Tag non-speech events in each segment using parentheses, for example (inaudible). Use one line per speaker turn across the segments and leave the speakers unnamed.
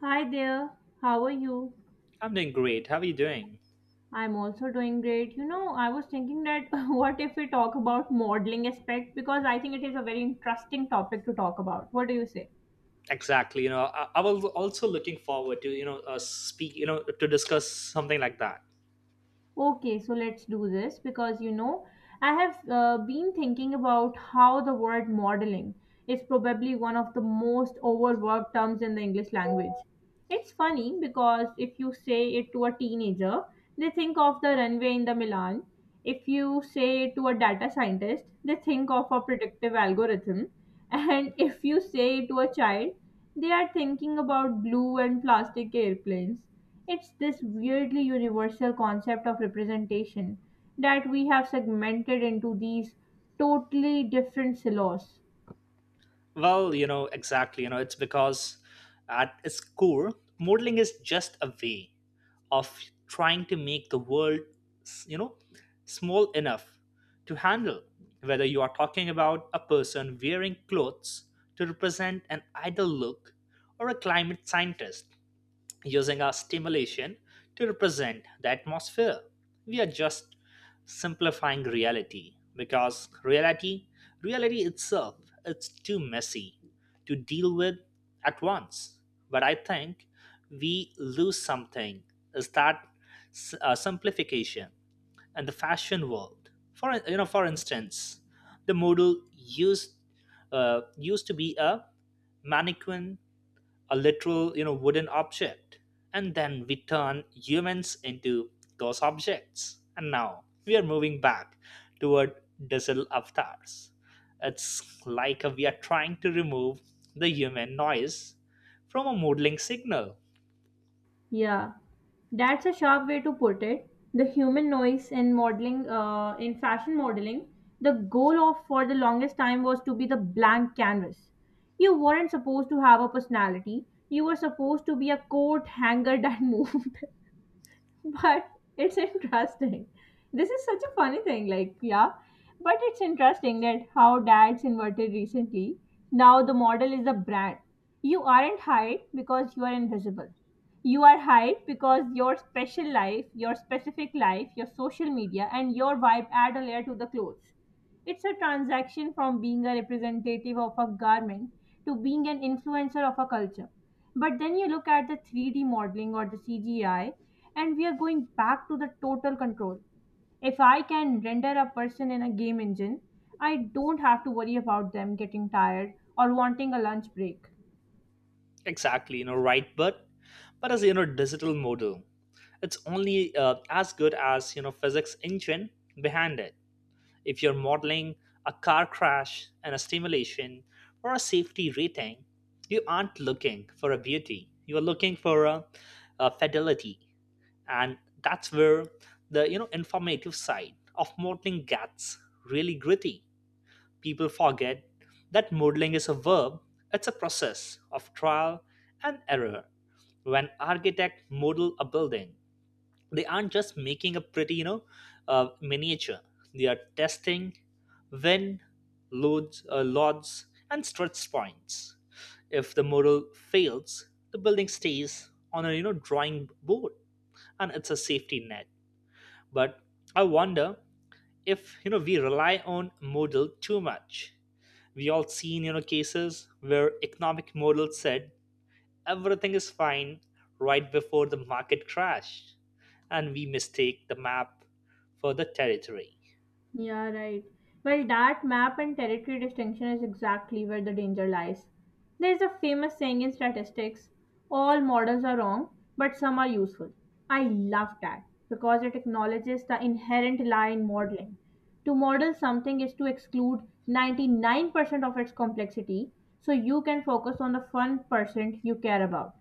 Hi there, how are you?
I'm doing great. How are you doing?
I'm also doing great. I was thinking that (laughs) what if we talk about modeling aspect because I think it is a very interesting topic to talk about. What do you say?
Exactly. I was also looking forward to speak. To discuss something like that.
Okay, so let's do this because I have been thinking about how the word modeling is probably one of the most overworked terms in the English language. It's funny because if you say it to a teenager, they think of the runway in the Milan. If you say it to a data scientist, they think of a predictive algorithm. And (laughs) if you say it to a child, they are thinking about blue and plastic airplanes. It's this weirdly universal concept of representation that we have segmented into these totally different silos.
Well, exactly. It's because at its core, modeling is just a way of trying to make the world, s- you know, small enough to handle. Whether you are talking about a person wearing clothes to represent an idle look, or a climate scientist using our stimulation to represent the atmosphere. We are just simplifying reality, because reality itself, it's too messy to deal with at once. But I think we lose something is that simplification and the fashion world. For instance, the model used to be a mannequin, a literal wooden object, and then we turn humans into those objects, and now we are moving back toward digital avatars. It's like we are trying to remove the human noise from a modeling signal.
Yeah, that's a sharp way to put it. The human noise in modeling, in fashion modeling, the goal of for the longest time was to be the blank canvas. You weren't supposed to have a personality. You were supposed to be a coat hanger that (laughs) moved. (laughs) But it's interesting. This is such a funny thing, like, yeah, but it's interesting that how dads inverted recently. Now the model is a brand. You aren't hired because you are invisible. You are hired because your special life, your specific life, your social media, and your vibe add a layer to the clothes. It's a transaction from being a representative of a garment to being an influencer of a culture. But then you look at the 3D modeling or the CGI, and we are going back to the total control. If I can render a person in a game engine, I don't have to worry about them getting tired or wanting a lunch break.
Exactly, right, but as you know, digital model, it's only as good as physics engine behind it. If you're modeling a car crash and a simulation, or a safety rating, you aren't looking for a beauty. You are looking for a fidelity, and that's where the informative side of modeling gets really gritty. People forget that modeling is a verb. It's a process of trial and error. When architects model a building, they aren't just making a pretty miniature. They are testing win, loads, and stretch points. If the model fails, the building stays on a drawing board, and it's a safety net. But I wonder if we rely on model too much. We all seen cases where economic model said everything is fine right before the market crash, and we mistake the map for the territory.
Yeah, right. Well, that map and territory distinction is exactly where the danger lies. There's a famous saying in statistics, all models are wrong, but some are useful. I love that because it acknowledges the inherent lie in modeling. To model something is to exclude 99% of its complexity so you can focus on the 1% you care about.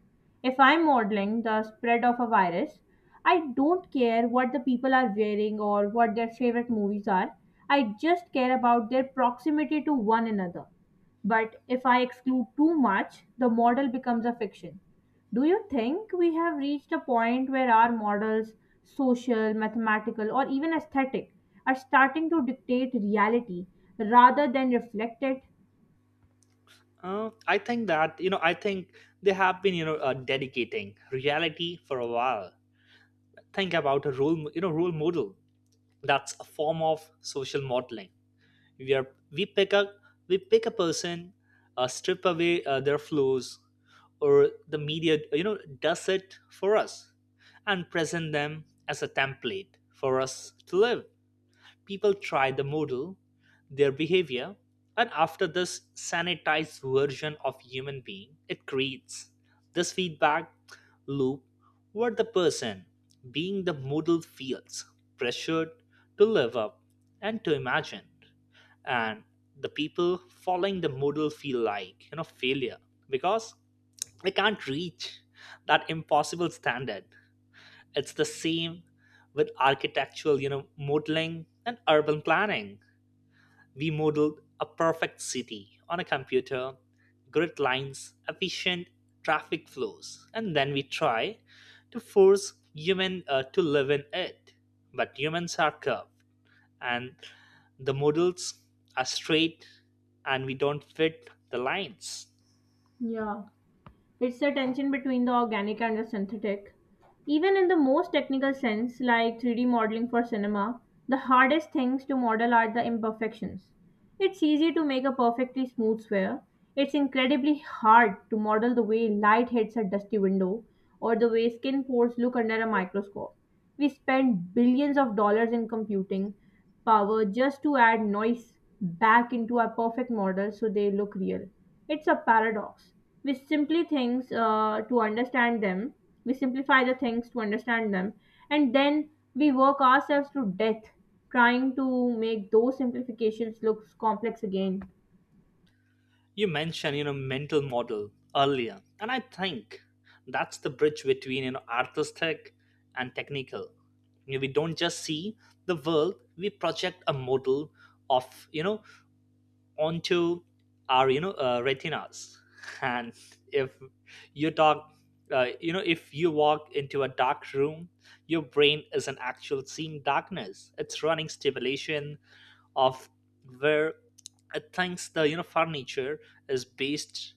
If I'm modeling the spread of a virus, I don't care what the people are wearing or what their favorite movies are. I just care about their proximity to one another. But if I exclude too much, the model becomes a fiction. Do you think we have reached a point where our models, social, mathematical, or even aesthetic, are starting to dictate reality rather than reflect it?
I think that, I think they have been, dedicating reality for a while. Think about a role, role model. That's a form of social modeling. We are we pick up we pick a person, strip away their flaws, or the media, does it for us, and present them as a template for us to live. People tried the model, their behavior, and after this sanitized version of human being, it creates this feedback loop where the person being the model feels pressured to live up and to imagine. And the people following the model feel like, failure, because they can't reach that impossible standard. It's the same with architectural, modeling and urban planning. We modeled a perfect city on a computer, grid lines, efficient traffic flows, and then we try to force human, to live in it. But humans are curved, and the models are straight, and we don't fit the lines.
Yeah. It's the tension between the organic and the synthetic. Even in the most technical sense, like 3D modeling for cinema, the hardest things to model are the imperfections. It's easy to make a perfectly smooth sphere. It's incredibly hard to model the way light hits a dusty window or the way skin pores look under a microscope. We spend billions of dollars in computing power just to add noise back into our perfect model so they look real. It's a paradox. We simply things to understand them, we simplify the things to understand them, and then we work ourselves to death trying to make those simplifications look complex again.
You mentioned mental model earlier, and I think that's the bridge between artistic and technical. We don't just see the world, we project a model of, onto our retinas (laughs) and if you talk you know if you walk into a dark room, your brain is an actual seeing darkness. It's running stimulation of where it thinks the furniture is based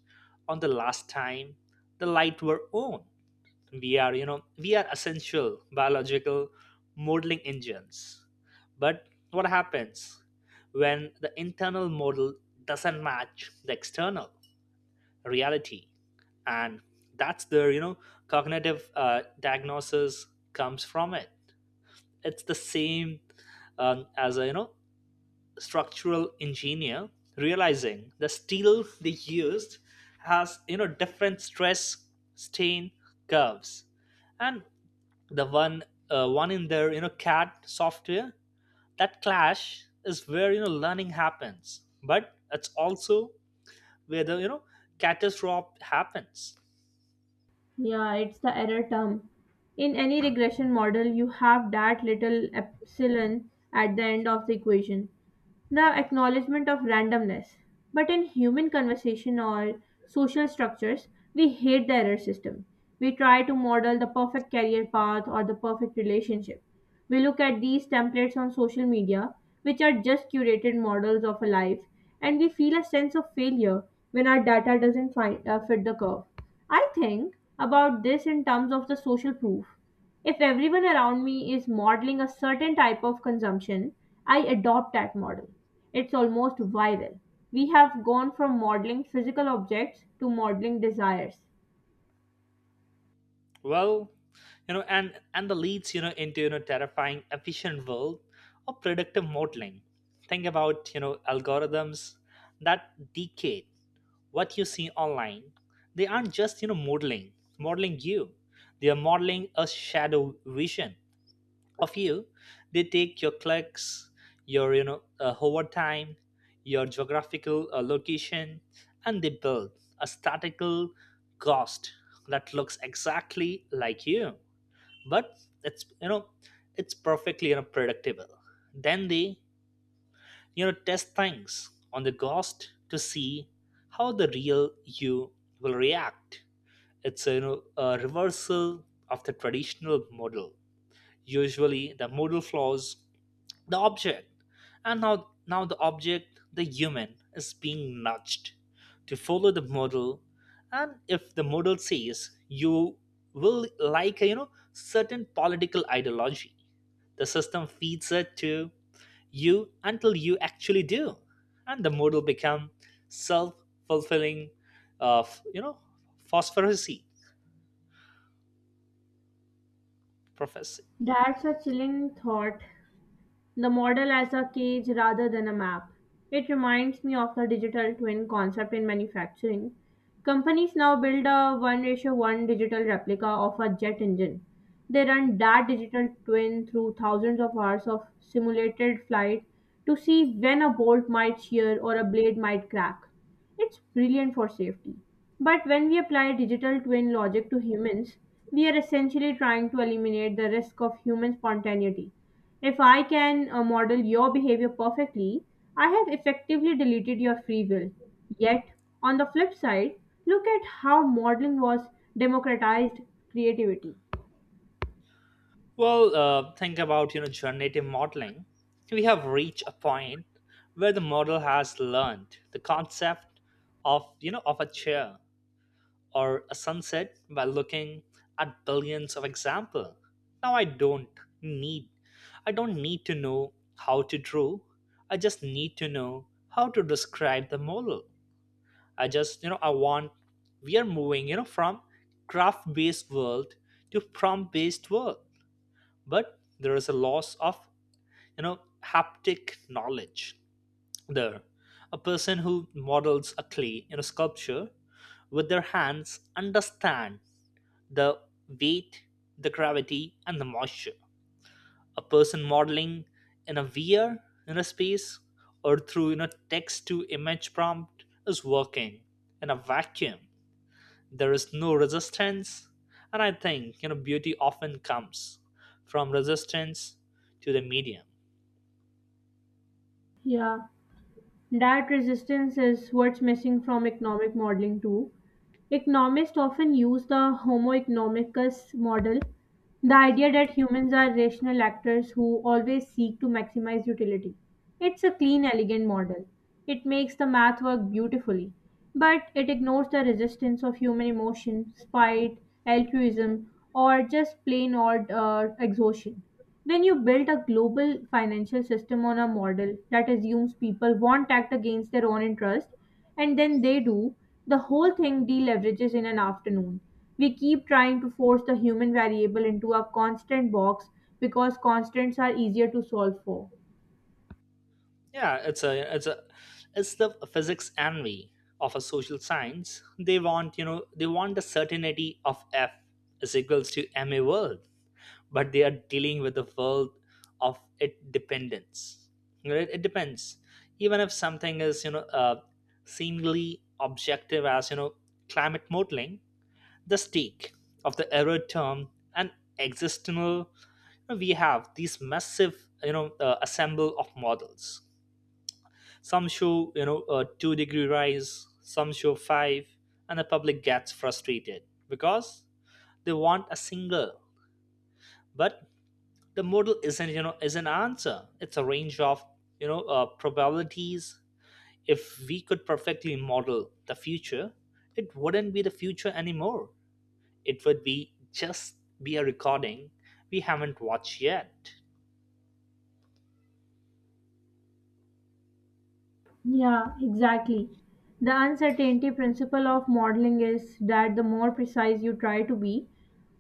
on the last time the light were on. We are essential biological modeling engines. But what happens when the internal model doesn't match the external reality? And that's the cognitive diagnosis comes from it. It's the same, as a structural engineer realizing the steel they used has different stress strain curves, and the one in their CAD software. That clash is where learning happens, but it's also where the catastrophe happens.
Yeah, it's the error term. In any regression model, you have that little epsilon at the end of the equation, the acknowledgement of randomness. But in human conversation or social structures, we hate the error system. We try to model the perfect career path or the perfect relationship. We look at these templates on social media, which are just curated models of a life, and we feel a sense of failure when our data doesn't fit the curve. I think about this in terms of the social proof. If everyone around me is modeling a certain type of consumption, I adopt that model. It's almost viral. We have gone from modeling physical objects to modeling desires.
Well, and the leads into terrifying efficient world of predictive modeling. Think about algorithms that dictate what you see online. They aren't just modeling you, they are modeling a shadow vision of you. They take your clicks, your hover time, your geographical location, and they build a statical ghost that looks exactly like you, but it's you know it's perfectly predictable. Then they test things on the ghost to see how the real you will react. It's a reversal of the traditional model. Usually the model flaws the object, and now the object, the human, is being nudged to follow the model. And if the model says you will like a certain political ideology, the system feeds it to you until you actually do, and the model become self-fulfilling of phosphorescent prophecy.
That's a chilling thought. The model as a cage rather than a map. It reminds me of the digital twin concept in manufacturing. Companies now build a 1 ratio 1 digital replica of a jet engine. They run that digital twin through thousands of hours of simulated flight to see when a bolt might shear or a blade might crack. It's brilliant for safety. But when we apply digital twin logic to humans, we are essentially trying to eliminate the risk of human spontaneity. If I can model your behavior perfectly, I have effectively deleted your free will. Yet, on the flip side, look at how modeling was democratized creativity.
Well, think about generative modeling. We have reached a point where the model has learned the concept of you know of a chair or a sunset by looking at billions of example. Now need I don't need to know how to draw. I just need to know how to describe the model. I just you know I want we are moving from graph based world to prompt based world. But there is a loss of haptic knowledge there. A person who models a clay in a sculpture with their hands understand the weight, the gravity, and the moisture. A person modeling in a VR, in a space, or through text to image prompt is working in a vacuum. There is no resistance, and I think beauty often comes from resistance to the medium.
Yeah, that resistance is what's missing from economic modeling too. Economists often use the "Homo economicus" model, the idea that humans are rational actors who always seek to maximize utility. It's a clean, elegant model. It makes the math work beautifully, but it ignores the resistance of human emotion, spite, altruism, or just plain old exhaustion. When you build a global financial system on a model that assumes people won't act against their own interest, and then they do, the whole thing deleverages in an afternoon. We keep trying to force the human variable into a constant box because constants are easier to solve for.
Yeah, it's the physics envy of a social science. They want the certainty of F is equals to ma world, but they are dealing with the world of it dependence. Right? It depends. Even if something is seemingly objective as climate modeling, the stake of the error term and existential, we have these massive assemble of models. Some show, a 2 degree rise, some show 5, and the public gets frustrated because they want a single. But the model isn't, is an answer. It's a range of, probabilities. If we could perfectly model the future, it wouldn't be the future anymore. It would be just be a recording we haven't watched yet.
Yeah, exactly. The uncertainty principle of modeling is that the more precise you try to be,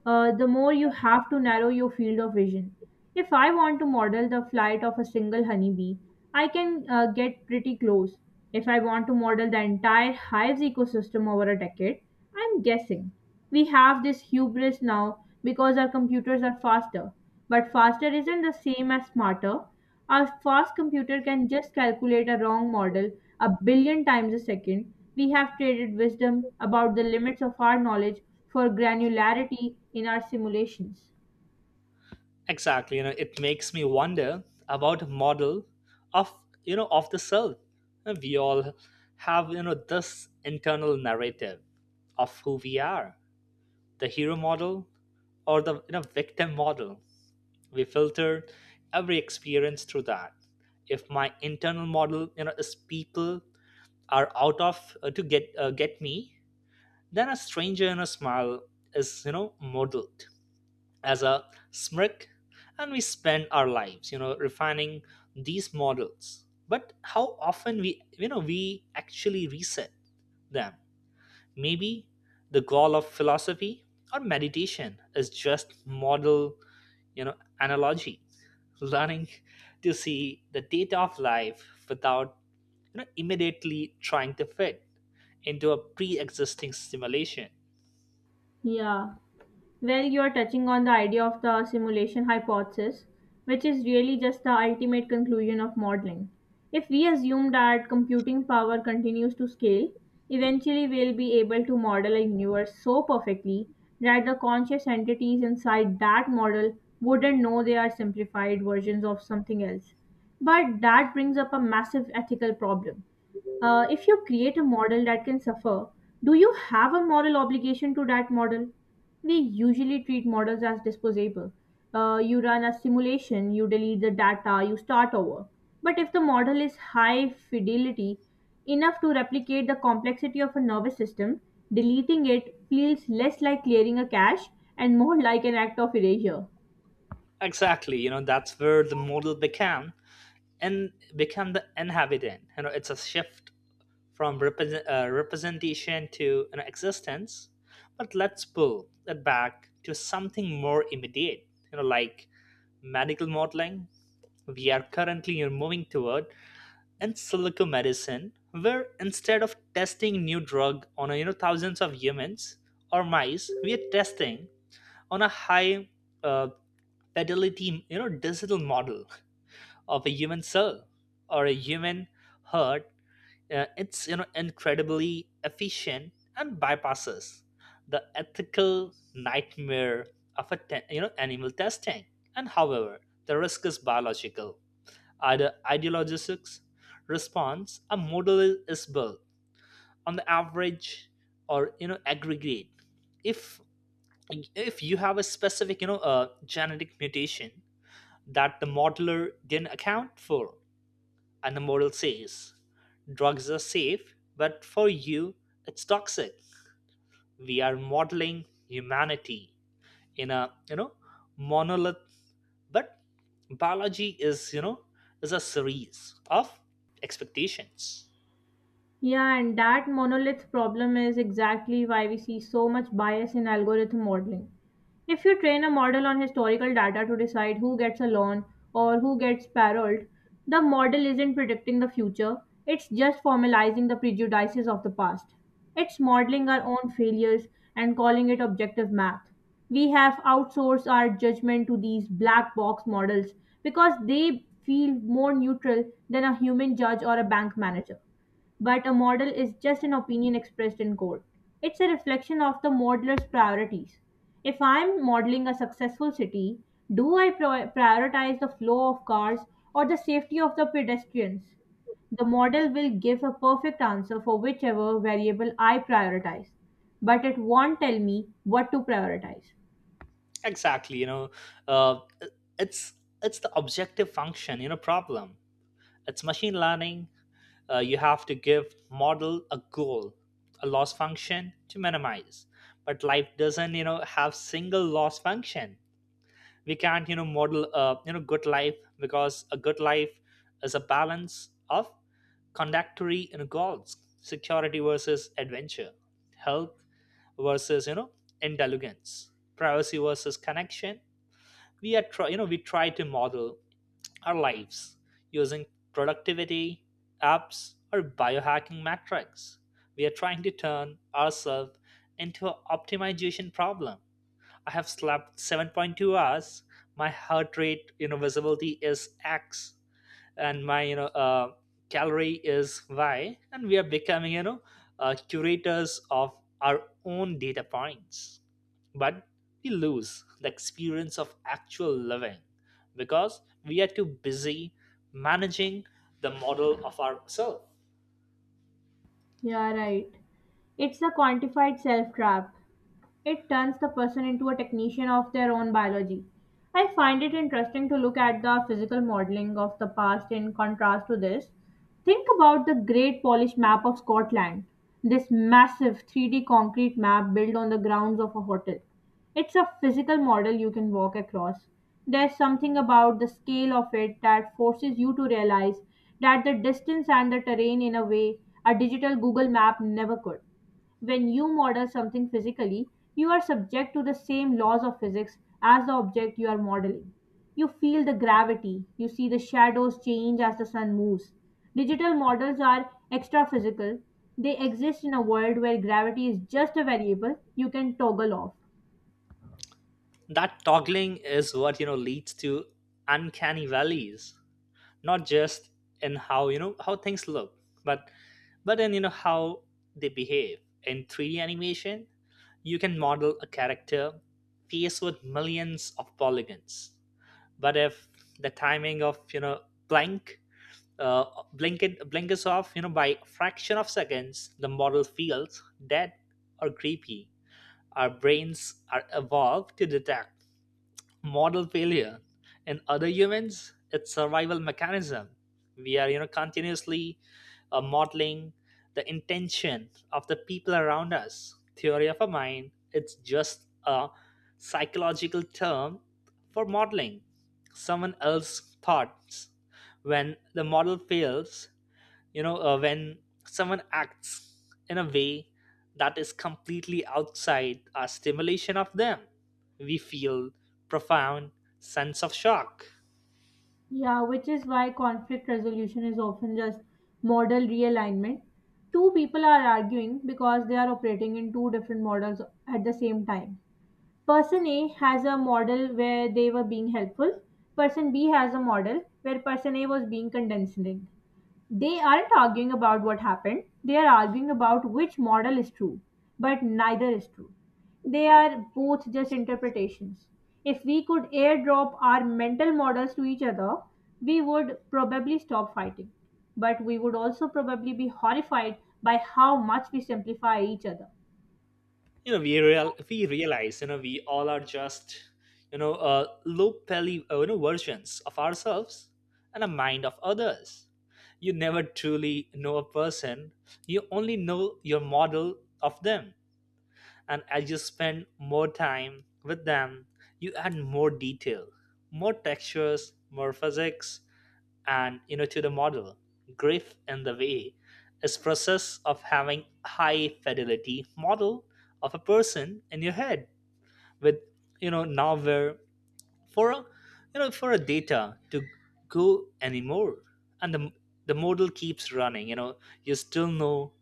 the more you have to narrow your field of vision. If I want to model the flight of a single honeybee, I can get pretty close. If I want to model the entire hive's ecosystem over a decade, I'm guessing. We have this hubris now because our computers are faster. But faster isn't the same as smarter. A fast computer can just calculate a wrong model a billion times a second. We have traded wisdom about the limits of our knowledge for granularity in our simulations.
Exactly, it makes me wonder about a model of you know of the self. And we all have this internal narrative of who we are, the hero model or the victim model. We filter every experience through that. If my internal model is people are out of to get me, then a stranger in a smile is modeled as a smirk. And we spend our lives refining these models. But how often we you know we actually reset them? Maybe the goal of philosophy or meditation is just model, you know analogy learning, to see the data of life without immediately trying to fit into a pre-existing simulation.
Yeah. Well, you're touching on the idea of the simulation hypothesis, which is really just the ultimate conclusion of modeling. If we assume that computing power continues to scale, eventually we'll be able to model a universe so perfectly that the conscious entities inside that model wouldn't know they are simplified versions of something else. But that brings up a massive ethical problem. If you create a model that can suffer, do you have a moral obligation to that model? We usually treat models as disposable. You run a simulation, you delete the data, you start over. But if the model is high fidelity, enough to replicate the complexity of a nervous system, deleting it feels less like clearing a cache and more like an act of erasure.
Exactly, that's where the model became and become the inhabitant. It's a shift from representation to, existence. But let's pull it back to something more immediate, like medical modeling. We are currently moving toward in silico medicine, where instead of testing new drug on thousands of humans or mice, we are testing on a high uh, fidelity, digital model of a human cell or a human heart. It's incredibly efficient and bypasses the ethical nightmare of a animal testing. And however, the risk is biological, either ideologics response, a model is built on the average or aggregate. If if you have a specific genetic mutation that the modeler didn't account for, and the model says, drugs are safe, but for you, it's toxic. We are modeling humanity in a, monolith, but biology is a series of expectations.
Yeah, and that monolith problem is exactly why we see so much bias in algorithm modeling. If you train a model on historical data to decide who gets a loan or who gets paroled, the model isn't predicting the future, it's just formalizing the prejudices of the past. It's modeling our own failures and calling it objective math. We have outsourced our judgment to these black box models because they feel more neutral than a human judge or a bank manager. But a model is just an opinion expressed in code. It's a reflection of the modeler's priorities. If I'm modeling a successful city, do I prioritize the flow of cars or the safety of the pedestrians? The model will give a perfect answer for whichever variable I prioritize, but it won't tell me what to prioritize.
Exactly, uh, it's it's the objective function, problem. It's machine learning, you have to give model a goal, a loss function to minimize. But life doesn't have single loss function. We can't model a good life, because a good life is a balance of conductory, goals, security versus adventure, health versus indulgence, privacy versus connection. We are try, you know we try to model our lives using productivity, apps, or biohacking metrics. We are trying to turn ourselves into an optimization problem. I have slept 7.2 hours. My heart rate, visibility is X, and my calorie is y, and we are becoming curators of our own data points, but we lose the experience of actual living because we are too busy managing the model of ourselves.
Yeah, right. It's the quantified self trap. It turns the person into a technician of their own biology. I find it interesting to look at the physical modeling of the past in contrast to this. Think about the Great Polish Map of Scotland, this massive 3D concrete map built on the grounds of a hotel. It's a physical model you can walk across. There's something about the scale of it that forces you to realize that the distance and the terrain in a way a digital Google map never could. When you model something physically, you are subject to the same laws of physics as the object you are modeling. You feel the gravity, you see the shadows change as the sun moves. Digital models are extra physical. They exist in a world where gravity is just a variable you can toggle off.
That toggling is what leads to uncanny valleys, not just in how you know how things look, but but in how they behave in 3d animation. You can model a character face with millions of polygons, but if the timing of blink, uh, blink it blink blinkers off by a fraction of seconds, the model feels dead or creepy. Our brains are evolved to detect model failure in other humans. It's survival mechanism. We are continuously modeling the intention of the people around us. Theory of a mind, it's just a psychological term for modeling someone else's thoughts. When the model fails, when someone acts in a way that is completely outside our stimulation of them, we feel profound sense of shock.
Yeah, which is why conflict resolution is often just model realignment. Two people are arguing because they are operating in two different models at the same time. Person A has a model where they were being helpful. Person B has a model where person A was being condescending. They aren't arguing about what happened, they are arguing about which model is true, but neither is true. They are both just interpretations. If we could airdrop our mental models to each other, we would probably stop fighting. But we would also probably be horrified by how much we simplify each other.
You know we real we realize you know we all are just low poly versions of ourselves and a mind of others. You never truly know a person, you only know your model of them, and as you spend more time with them, you add more detail, more textures, more physics, and to the model. Grief in the way is process of having high fidelity model of a person in your head with nowhere for a, for a data to go anymore, and the model keeps running. You know you still know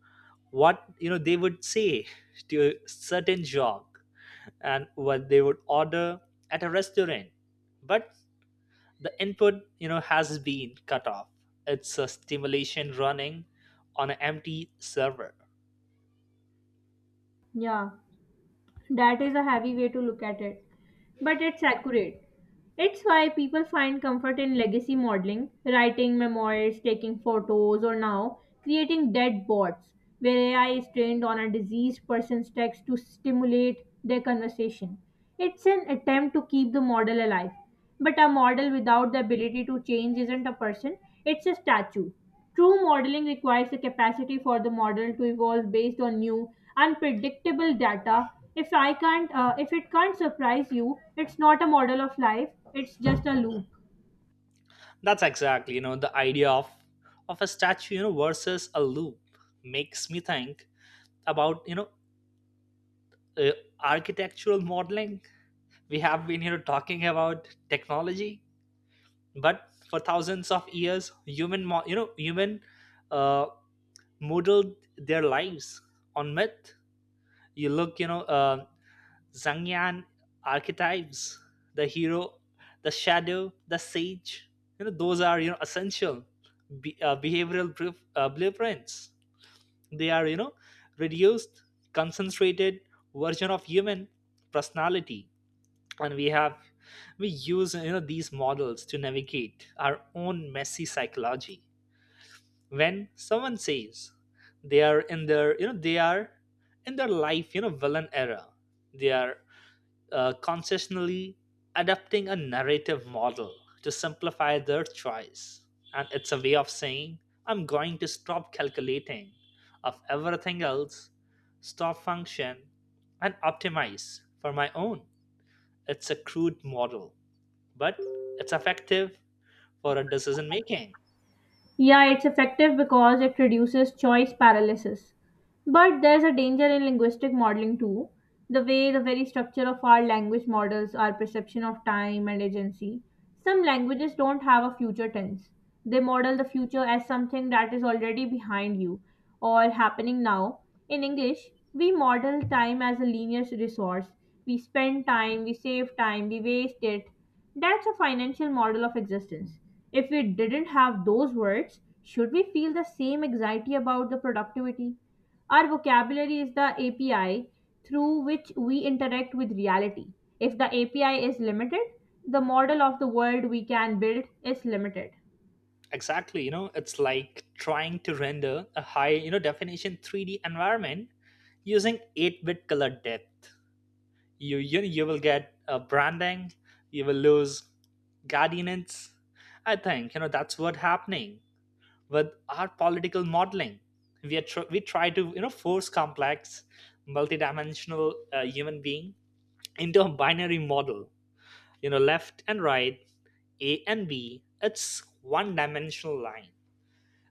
what they would say to a certain jog, and what they would order at a restaurant, but the input has been cut off. It's a stimulation running on an empty server.
Yeah. That is a heavy way to look at it, but it's accurate. It's why people find comfort in legacy modeling, writing memoirs, taking photos, or now creating dead bots where AI is trained on a diseased person's text to stimulate their conversation. It's an attempt to keep the model alive, but a model without the ability to change isn't a person, it's a statue. True modeling requires the capacity for the model to evolve based on new, unpredictable data. If it can't surprise you, it's not a model of life. It's just a loop.
That's exactly the idea of a statue, versus a loop, makes me think about uh, architectural modeling. We have been talking about technology, but for thousands of years human mo- you know human uh, modeled their lives on myth. You look, Zhang Yan archetypes: the hero, the shadow, the sage. You know those are essential behavioral blueprints. They are reduced, concentrated version of human personality, and we use these models to navigate our own messy psychology. When someone says they are in their, they are in their life, villain era, they are concessionally adapting a narrative model to simplify their choice. And it's a way of saying, I'm going to stop calculating of everything else, stop function, and optimize for my own. It's a crude model, but it's effective for a decision making.
Yeah, it's effective because it reduces choice paralysis. But there's a danger in linguistic modeling too. The way the very structure of our language models our perception of time and agency. Some languages don't have a future tense. They model the future as something that is already behind you or happening now. In English, we model time as a linear resource. We spend time, we save time, we waste it, that's a financial model of existence. If we didn't have those words, should we feel the same anxiety about the productivity? Our vocabulary is the API through which we interact with reality. If the API is limited, the model of the world we can build is limited.
Exactly, it's like trying to render a high, definition 3D environment using 8-bit color depth. You you will get branding, you will lose guardians. I think that's what happening with our political modeling. We we try to force complex multidimensional human being into a binary model, left and right, a and b. It's one dimensional line.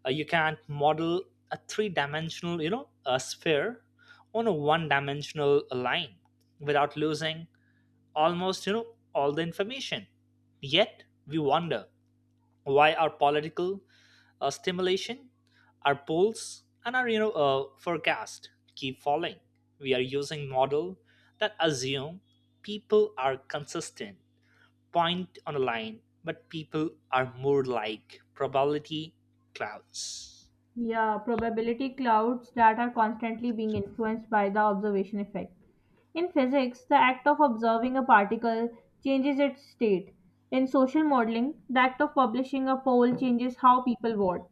You can't model a three dimensional a sphere on a one dimensional line without losing almost, all the information. Yet we wonder why our political stimulation, our polls and our forecast keep falling. We are using model that assume people are consistent point on a line, but people are more like probability clouds.
Yeah, probability clouds that are constantly being influenced by the observation effect. In physics, the act of observing a particle changes its state. In social modeling, the act of publishing a poll changes how people vote.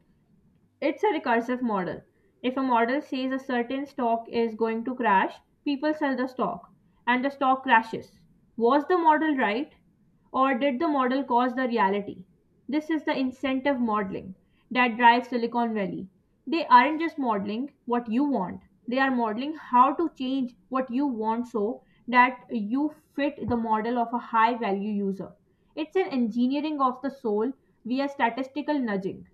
It's a recursive model. If a model says a certain stock is going to crash, people sell the stock and the stock crashes. Was the model right or did the model cause the reality? This is the incentive modeling that drives Silicon Valley. They aren't just modeling what you want, they are modeling how to change what you want so that you fit the model of a high value user. It's an engineering of the soul via statistical nudging.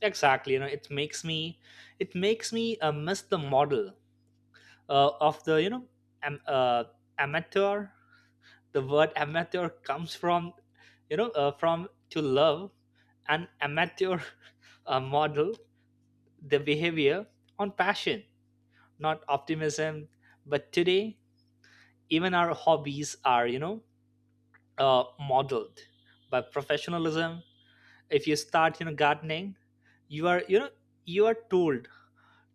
Exactly, it makes me, it makes me miss the model of the, am, uh, amateur. The word amateur comes from from to love. An amateur (laughs) model the behavior on passion, not optimism. But today even our hobbies are modeled by professionalism. If you start gardening, you are you know you are told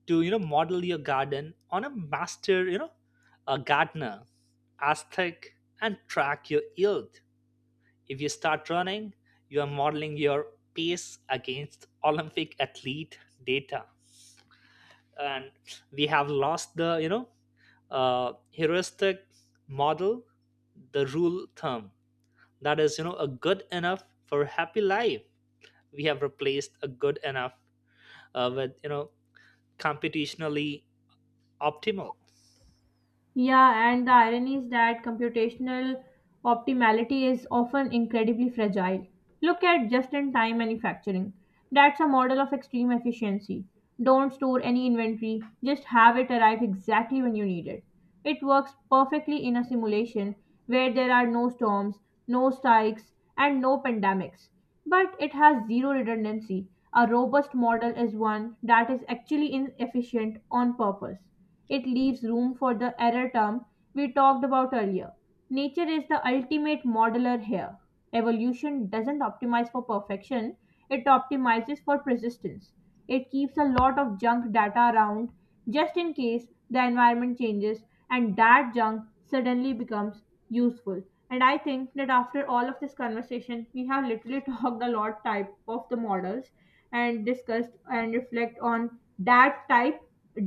to model your garden on a master, a gardener aesthetic, and track your yield. If you start running, you are modeling your pace against Olympic athlete data, and we have lost the, heuristic model, the rule term that is, a good enough for happy life. We have replaced a good enough with computationally optimal.
Yeah, and the irony is that computational optimality is often incredibly fragile. Look at just in time manufacturing. That's a model of extreme efficiency. Don't store any inventory, just have it arrive exactly when you need it. It works perfectly in a simulation where there are no storms, no strikes, and no pandemics. But it has zero redundancy. A robust model is one that is actually inefficient on purpose. It leaves room for the error term we talked about earlier. Nature is the ultimate modeler here. Evolution doesn't optimize for perfection, it optimizes for persistence. It keeps a lot of junk data around just in case the environment changes and that junk suddenly becomes useful. And I think that after all of this conversation, we have literally (laughs) talked a lot type of the models and discussed and reflect on that type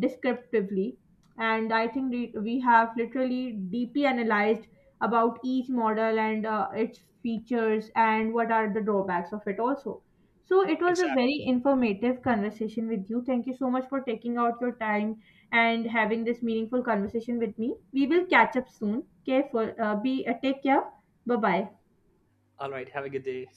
descriptively, and I think we have literally deeply analyzed about each model and its features and what are the drawbacks of it also, so it was a
Exactly.
very informative conversation with you. Thank you so much for taking out your time and having this meaningful conversation with me. We will catch up soon. Careful, be Take care. Bye bye.
All right. Have a good day.